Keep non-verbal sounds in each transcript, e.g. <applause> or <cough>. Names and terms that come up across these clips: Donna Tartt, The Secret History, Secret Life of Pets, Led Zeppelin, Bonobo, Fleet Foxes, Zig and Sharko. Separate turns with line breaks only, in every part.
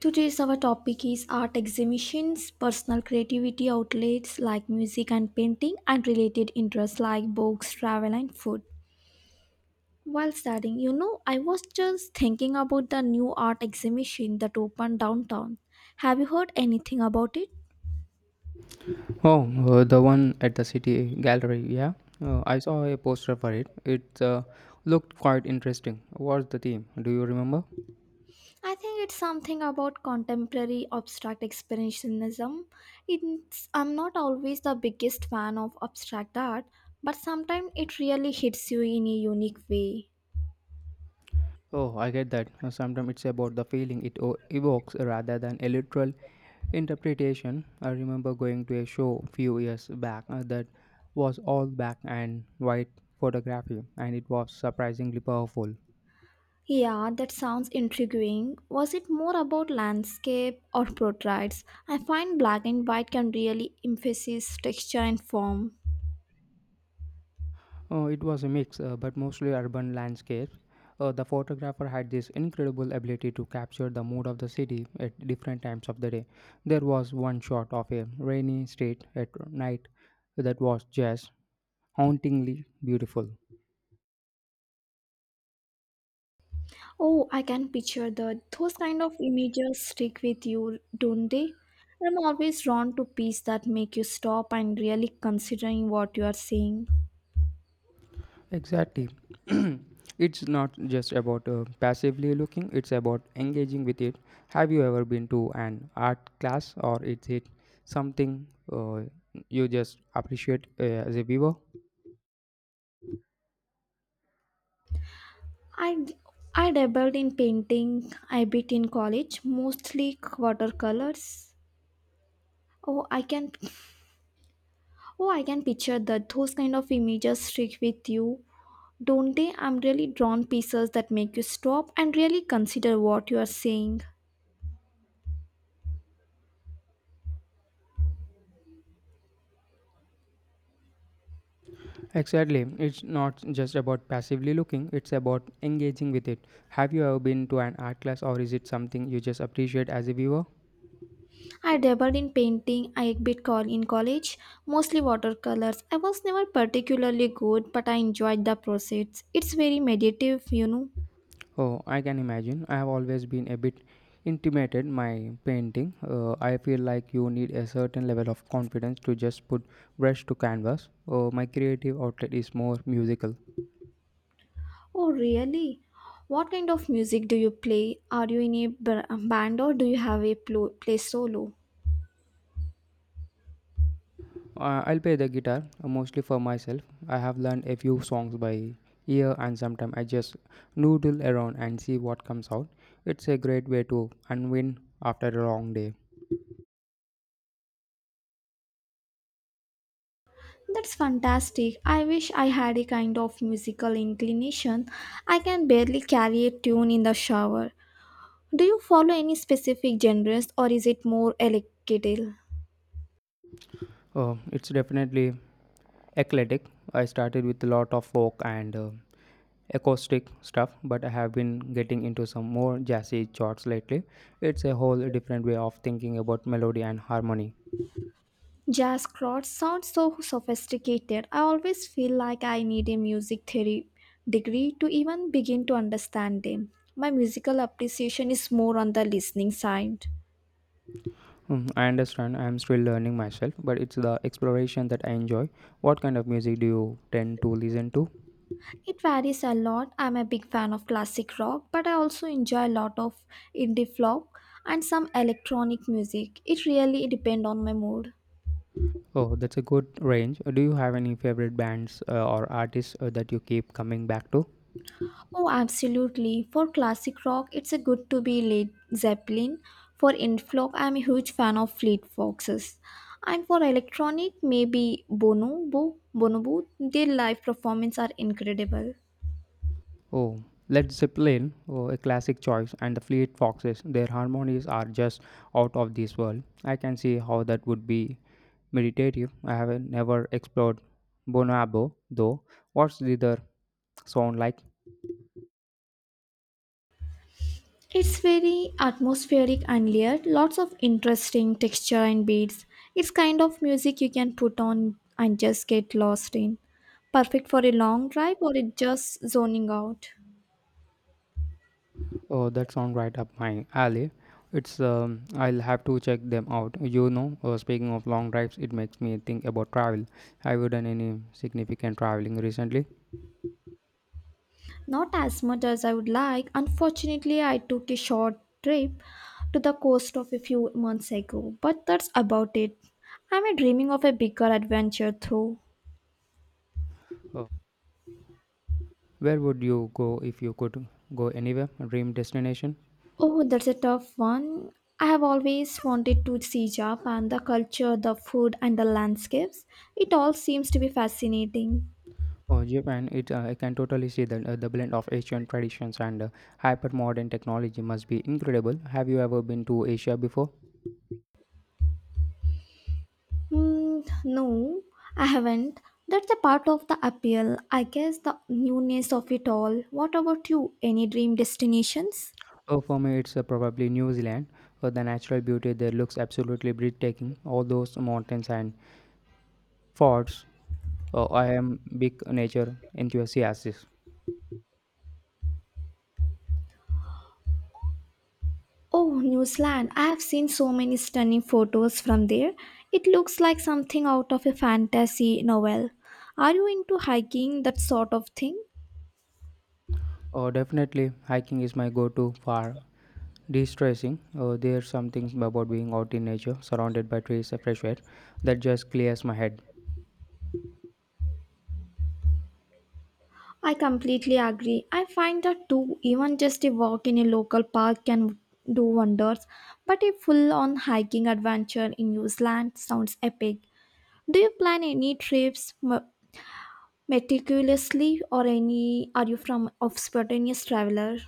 Today's our topic is art exhibitions, personal creativity outlets like music and painting, and related interests like books, travel, and food. While studying, I was just thinking about the new art exhibition that opened downtown. Have you heard anything about it?
Oh, the one at the City Gallery, yeah. I saw a poster for it. It looked quite interesting. What's the theme? Do you remember?
I think it's something about contemporary abstract expressionism. I'm not always the biggest fan of abstract art, but sometimes it really hits you in a unique way.
Oh, I get that. Sometimes it's about the feeling it evokes rather than a literal interpretation. I remember going to a show few years back that was all black and white photography, and it was surprisingly powerful.
Yeah, that sounds intriguing. Was it more about landscape or portraits? I find black and white can really emphasize texture and form.
It was a mix, but mostly urban landscapes. The photographer had this incredible ability to capture the mood of the city at different times of the day. There was one shot of a rainy street at night that was just hauntingly beautiful.
Oh, I can picture that. Those kind of images stick with you, don't they? I'm always drawn to pieces that make you stop and really considering what you are seeing.
Exactly. <clears throat> It's not just about passively looking, it's about engaging with it. Have you ever been to an art class, or is it something you just appreciate as a viewer?
I I dabbled in painting a bit in college, mostly watercolors. Oh, I can Oh, I can picture that those kind of images stick with you, don't they? I'm really drawn pieces that make you stop and really consider what you are saying.
Exactly. It's not just about passively looking, it's about engaging with it. Have you ever been to an art class, or is it something you just appreciate as a viewer?
I dabbled in painting I a bit call in college, mostly watercolors. I was never particularly good, but I enjoyed the process. It's very meditative.
Oh, I can imagine. I have always been a bit intimidated my painting. I feel like you need a certain level of confidence to just put brush to canvas. My creative outlet is more musical.
Oh, really? What kind of music do you play? Are you in a band or do you have a play solo?
I'll play the guitar mostly for myself. I have learned a few songs by ear, and sometimes I just noodle around and see what comes out. It's a great way to unwind after a long day.
That's fantastic. I wish I had a kind of musical inclination. I can barely carry a tune in the shower. Do you follow any specific genres or is it more eclectic?
It's definitely eclectic. I started with a lot of folk and acoustic stuff, but I have been getting into some more jazzy chords lately. It's a whole different way of thinking about melody and harmony.
Jazz chords sound so sophisticated. I always feel like I need a music theory degree to even begin to understand them. My musical appreciation is more on the listening side.
Mm, I understand. I'm still learning myself, but it's the exploration that I enjoy. What kind of music do you tend to listen to?
It varies a lot. I'm a big fan of classic rock, but I also enjoy a lot of indie folk and some electronic music. It really depends on my mood.
Oh, that's a good range. Do you have any favorite bands or artists that you keep coming back to?
Oh, absolutely. For classic rock, it's a good to be Led Zeppelin. For indie folk, I'm a huge fan of Fleet Foxes. And for electronic, maybe Bonobo. Bonobo, their live performances are incredible.
Oh, Led Zeppelin, oh, a classic choice, and the Fleet Foxes. Their harmonies are just out of this world. I can see how that would be meditative. I have never explored Bonobo, though. What's the other sound like?
It's very atmospheric and layered, lots of interesting texture and beats. It's kind of music you can put on and just get lost in. Perfect for a long drive or it just zoning out.
Oh, that sounds right up my alley. It's I'll have to check them out. You know, speaking of long drives, it makes me think about travel. Have you done any significant traveling recently?
Not as much as I would like. Unfortunately, I took a short trip to the coast of a few months ago, but that's about it. I'm a dreaming of a bigger adventure through.
Uh, where would you go if you could go anywhere? Dream destination?
Oh, that's a tough one. I have always wanted to see Japan, the culture, the food, and the landscapes. It all seems to be fascinating.
Oh, Japan. It I can totally see that the blend of Asian traditions and hyper modern technology must be incredible. Have you ever been to Asia before?
Hmm, no, I haven't. That's a part of the appeal, I guess, the newness of it all. What about you? Any dream destinations?
Oh, for me, it's probably New Zealand. The natural beauty there looks absolutely breathtaking. All those mountains and Forts, I am big nature enthusiast.
Oh, New Zealand. I have seen so many stunning photos from there. It looks like something out of a fantasy novel. Are you into hiking, that sort of thing?
Definitely, hiking is my go-to for de-stressing. There's something about being out in nature, surrounded by trees and fresh air, that just clears my head.
I completely agree. I find that too, even just a walk in a local park can do wonders, but a full on hiking adventure in New Zealand sounds epic. Do you plan any trips meticulously or any are you from of spontaneous traveler?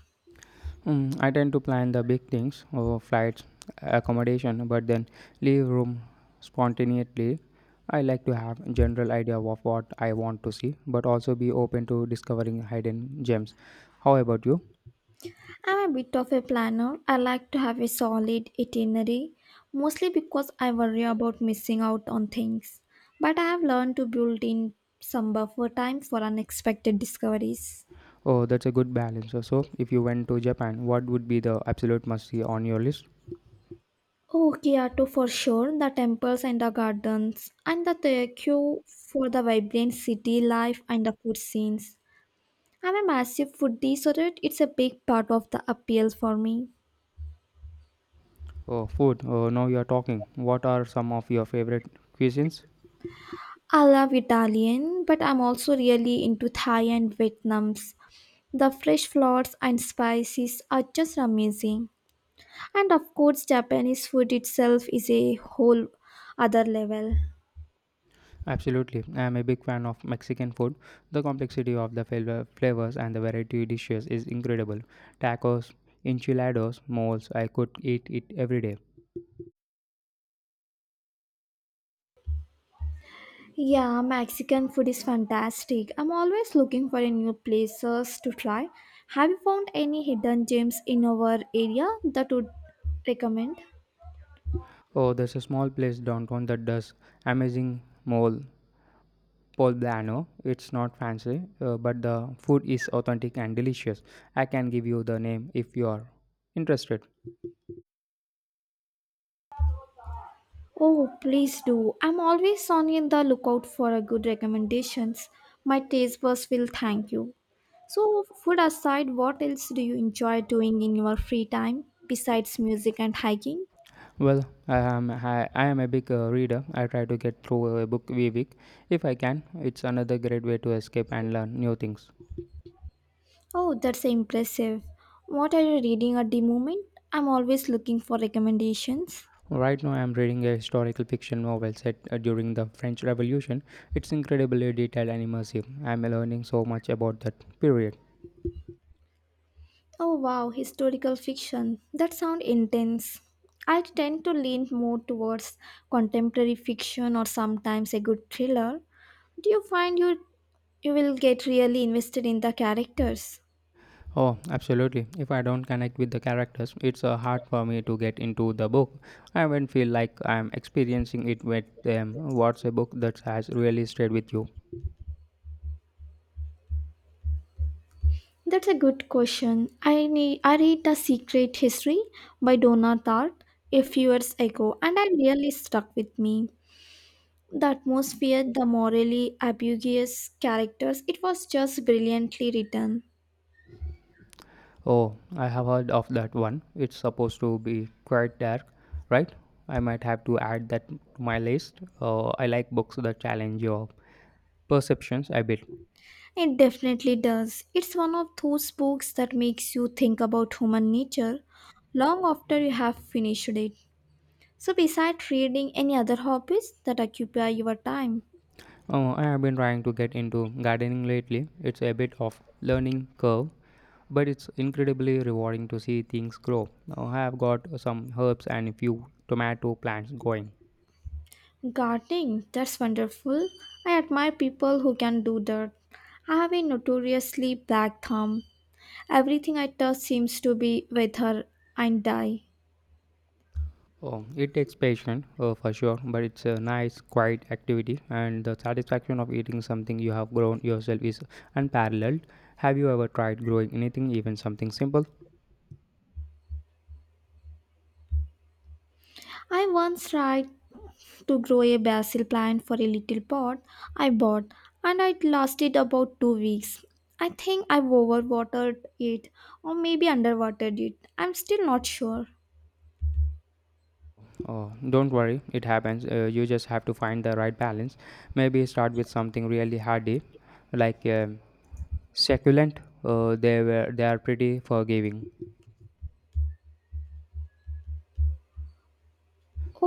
Mm, I tend to plan the big things, flights, accommodation, but then leave room spontaneously. I like to have a general idea of what I want to see, but also be open to discovering hidden gems. How about you?
I'm a bit of a planner. I like to have a solid itinerary, mostly because I worry about missing out on things. But I have learned to build in some buffer time for unexpected discoveries.
Oh, that's a good balance. So, if you went to Japan, what would be the absolute must see on your list?
Oh, Kyoto for sure, the temples and the gardens, and the Tokyo for the vibrant city life and the food scenes. I'm a massive foodie, so that it's a big part of the appeal for me.
Oh, food. Oh, now you're talking. What are some of your favorite cuisines?
I love Italian, but I'm also really into Thai and Vietnam's. The fresh flowers and spices are just amazing. And of course, Japanese food itself is a whole other level.
Absolutely. I am a big fan of Mexican food. The complexity of the flavors and the variety of dishes is incredible. Tacos, enchiladas, moles. I could eat it every day.
Yeah, Mexican food is fantastic. I'm always looking for a new places to try. Have you found any hidden gems in our area that would recommend?
Oh, there's a small place downtown that does amazing mole poblano. It's not fancy, but the food is authentic and delicious. I can give you the name if you are interested.
Oh, please do. I'm always on in the lookout for a good recommendations. My taste buds will thank you. So, food aside, what else do you enjoy doing in your free time besides music and hiking?
Well, I am a big reader. I try to get through a book a week if I can. It's another great way to escape and learn new things.
Oh, that's impressive. What are you reading at the moment? I'm always looking for recommendations.
Right now, I am reading a historical fiction novel set during the French Revolution. It's incredibly detailed and immersive. I am learning so much about that period.
Oh wow, historical fiction. That sounds intense. I tend to lean more towards contemporary fiction or sometimes a good thriller. Do you find you will get really invested in the characters?
Oh, absolutely. If I don't connect with the characters, it's hard for me to get into the book. I won't feel like I'm experiencing it with them. What's a book that has really stayed with you?
That's a good question. I read The Secret History by Donna Tartt a few years ago and I really stuck with me. The atmosphere, the morally ambiguous characters, it was just brilliantly written.
Oh, I have heard of that one. It's supposed to be quite dark, right? I might have to add that to my list. I like books that challenge your perceptions a bit.
It definitely does. It's one of those books that makes you think about human nature long after you have finished it. So, besides reading, any other hobbies that occupy your time?
Oh, I have been trying to get into gardening lately. It's a bit of learning curve, but it's incredibly rewarding to see things grow. Now I have got some herbs and a few tomato plants going.
Gardening, that's wonderful. I admire people who can do that. I have a notoriously black thumb. Everything I touch seems to be wither and die.
Oh, it takes patience for sure, but it's a nice, quiet activity, and the satisfaction of eating something you have grown yourself is unparalleled. Have you ever tried growing anything, even something simple?
I once tried to grow a basil plant for a little pot I bought, and it lasted about 2 weeks. I think I overwatered it, or maybe underwatered it. I'm still not sure.
Oh, don't worry, it happens. You just have to find the right balance. Maybe start with something really hardy, like succulent. Uh, they are pretty forgiving.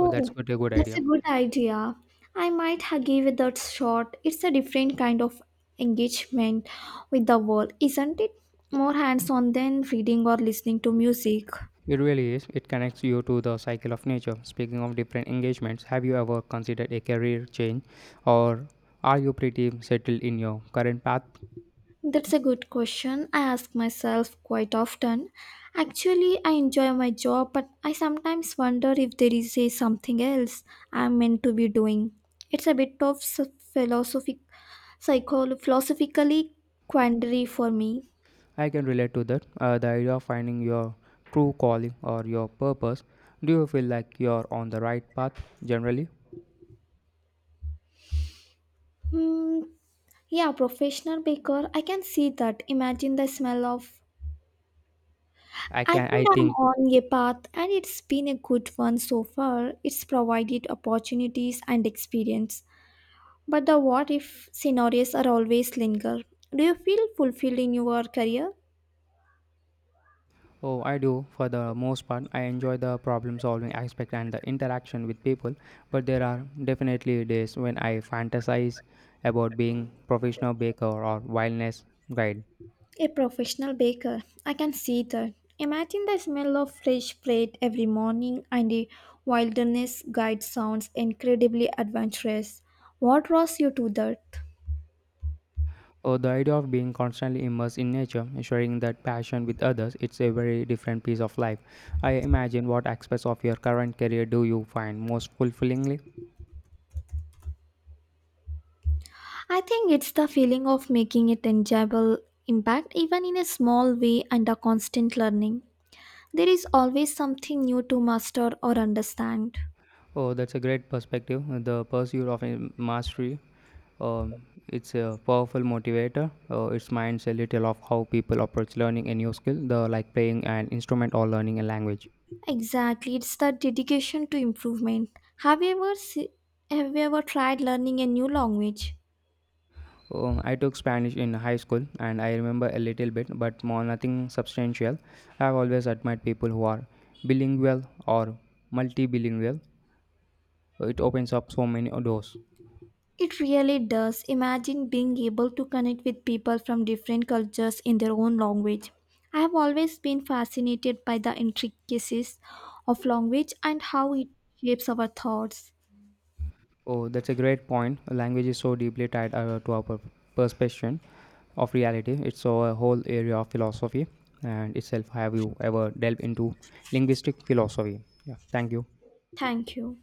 Oh, that's good, a good
that's a
idea.
good idea. I might give it that shot. It's a different kind of engagement with the world, isn't it? More hands on than reading or listening to music.
It really is. It connects you to the cycle of nature. Speaking of different engagements, have you ever considered a career change, or are you pretty settled in your current path?
That's a good question. I ask myself quite often. Actually, I enjoy my job, but I sometimes wonder if there is a something else I'm meant to be doing. It's a bit of philosophic, philosophically quandary for me.
I can relate to that. The idea of finding your true calling or your purpose. Do you feel like you're on the right path generally?
Hmm. Yeah, professional baker. I can see that. Imagine the smell of.
I
I
can I
think I'm
think.
on a path, and it's been a good one so far. It's provided opportunities and experience. But the what if scenarios are always linger. Do you feel fulfilled in your career?
Oh, I do. For the most part, I enjoy the problem solving aspect and the interaction with people, but there are definitely days when I fantasize about being professional baker or wilderness guide.
A professional baker. I can see that. Imagine the smell of fresh bread every morning and the wilderness guide sounds incredibly adventurous. What draws you to that?
Or the idea of being constantly immersed in nature, and sharing that passion with others, it's a very different piece of life. I imagine what aspects of your current career do you find most fulfillingly?
I think it's the feeling of making a tangible impact, even in a small way, and the constant learning. There is always something new to master or understand.
Oh, that's a great perspective. The pursuit of a mastery. It's a powerful motivator. It reminds a little of how people approach learning a new skill, the like playing an instrument or learning a language.
Exactly, it's the dedication to improvement. Have you ever se- have you ever tried learning a new language?
I took Spanish in high school and I remember a little bit, but more nothing substantial. I've always admired people who are bilingual or multibilingual. It opens up so many doors.
It really does. Imagine being able to connect with people from different cultures in their own language. I have always been fascinated by the intricacies of language and how it shapes our thoughts.
Oh, that's a great point. Language is so deeply tied to our perception of reality. It's a whole area of philosophy and itself. Have you ever delved into linguistic philosophy? Yeah, thank you.
Thank you.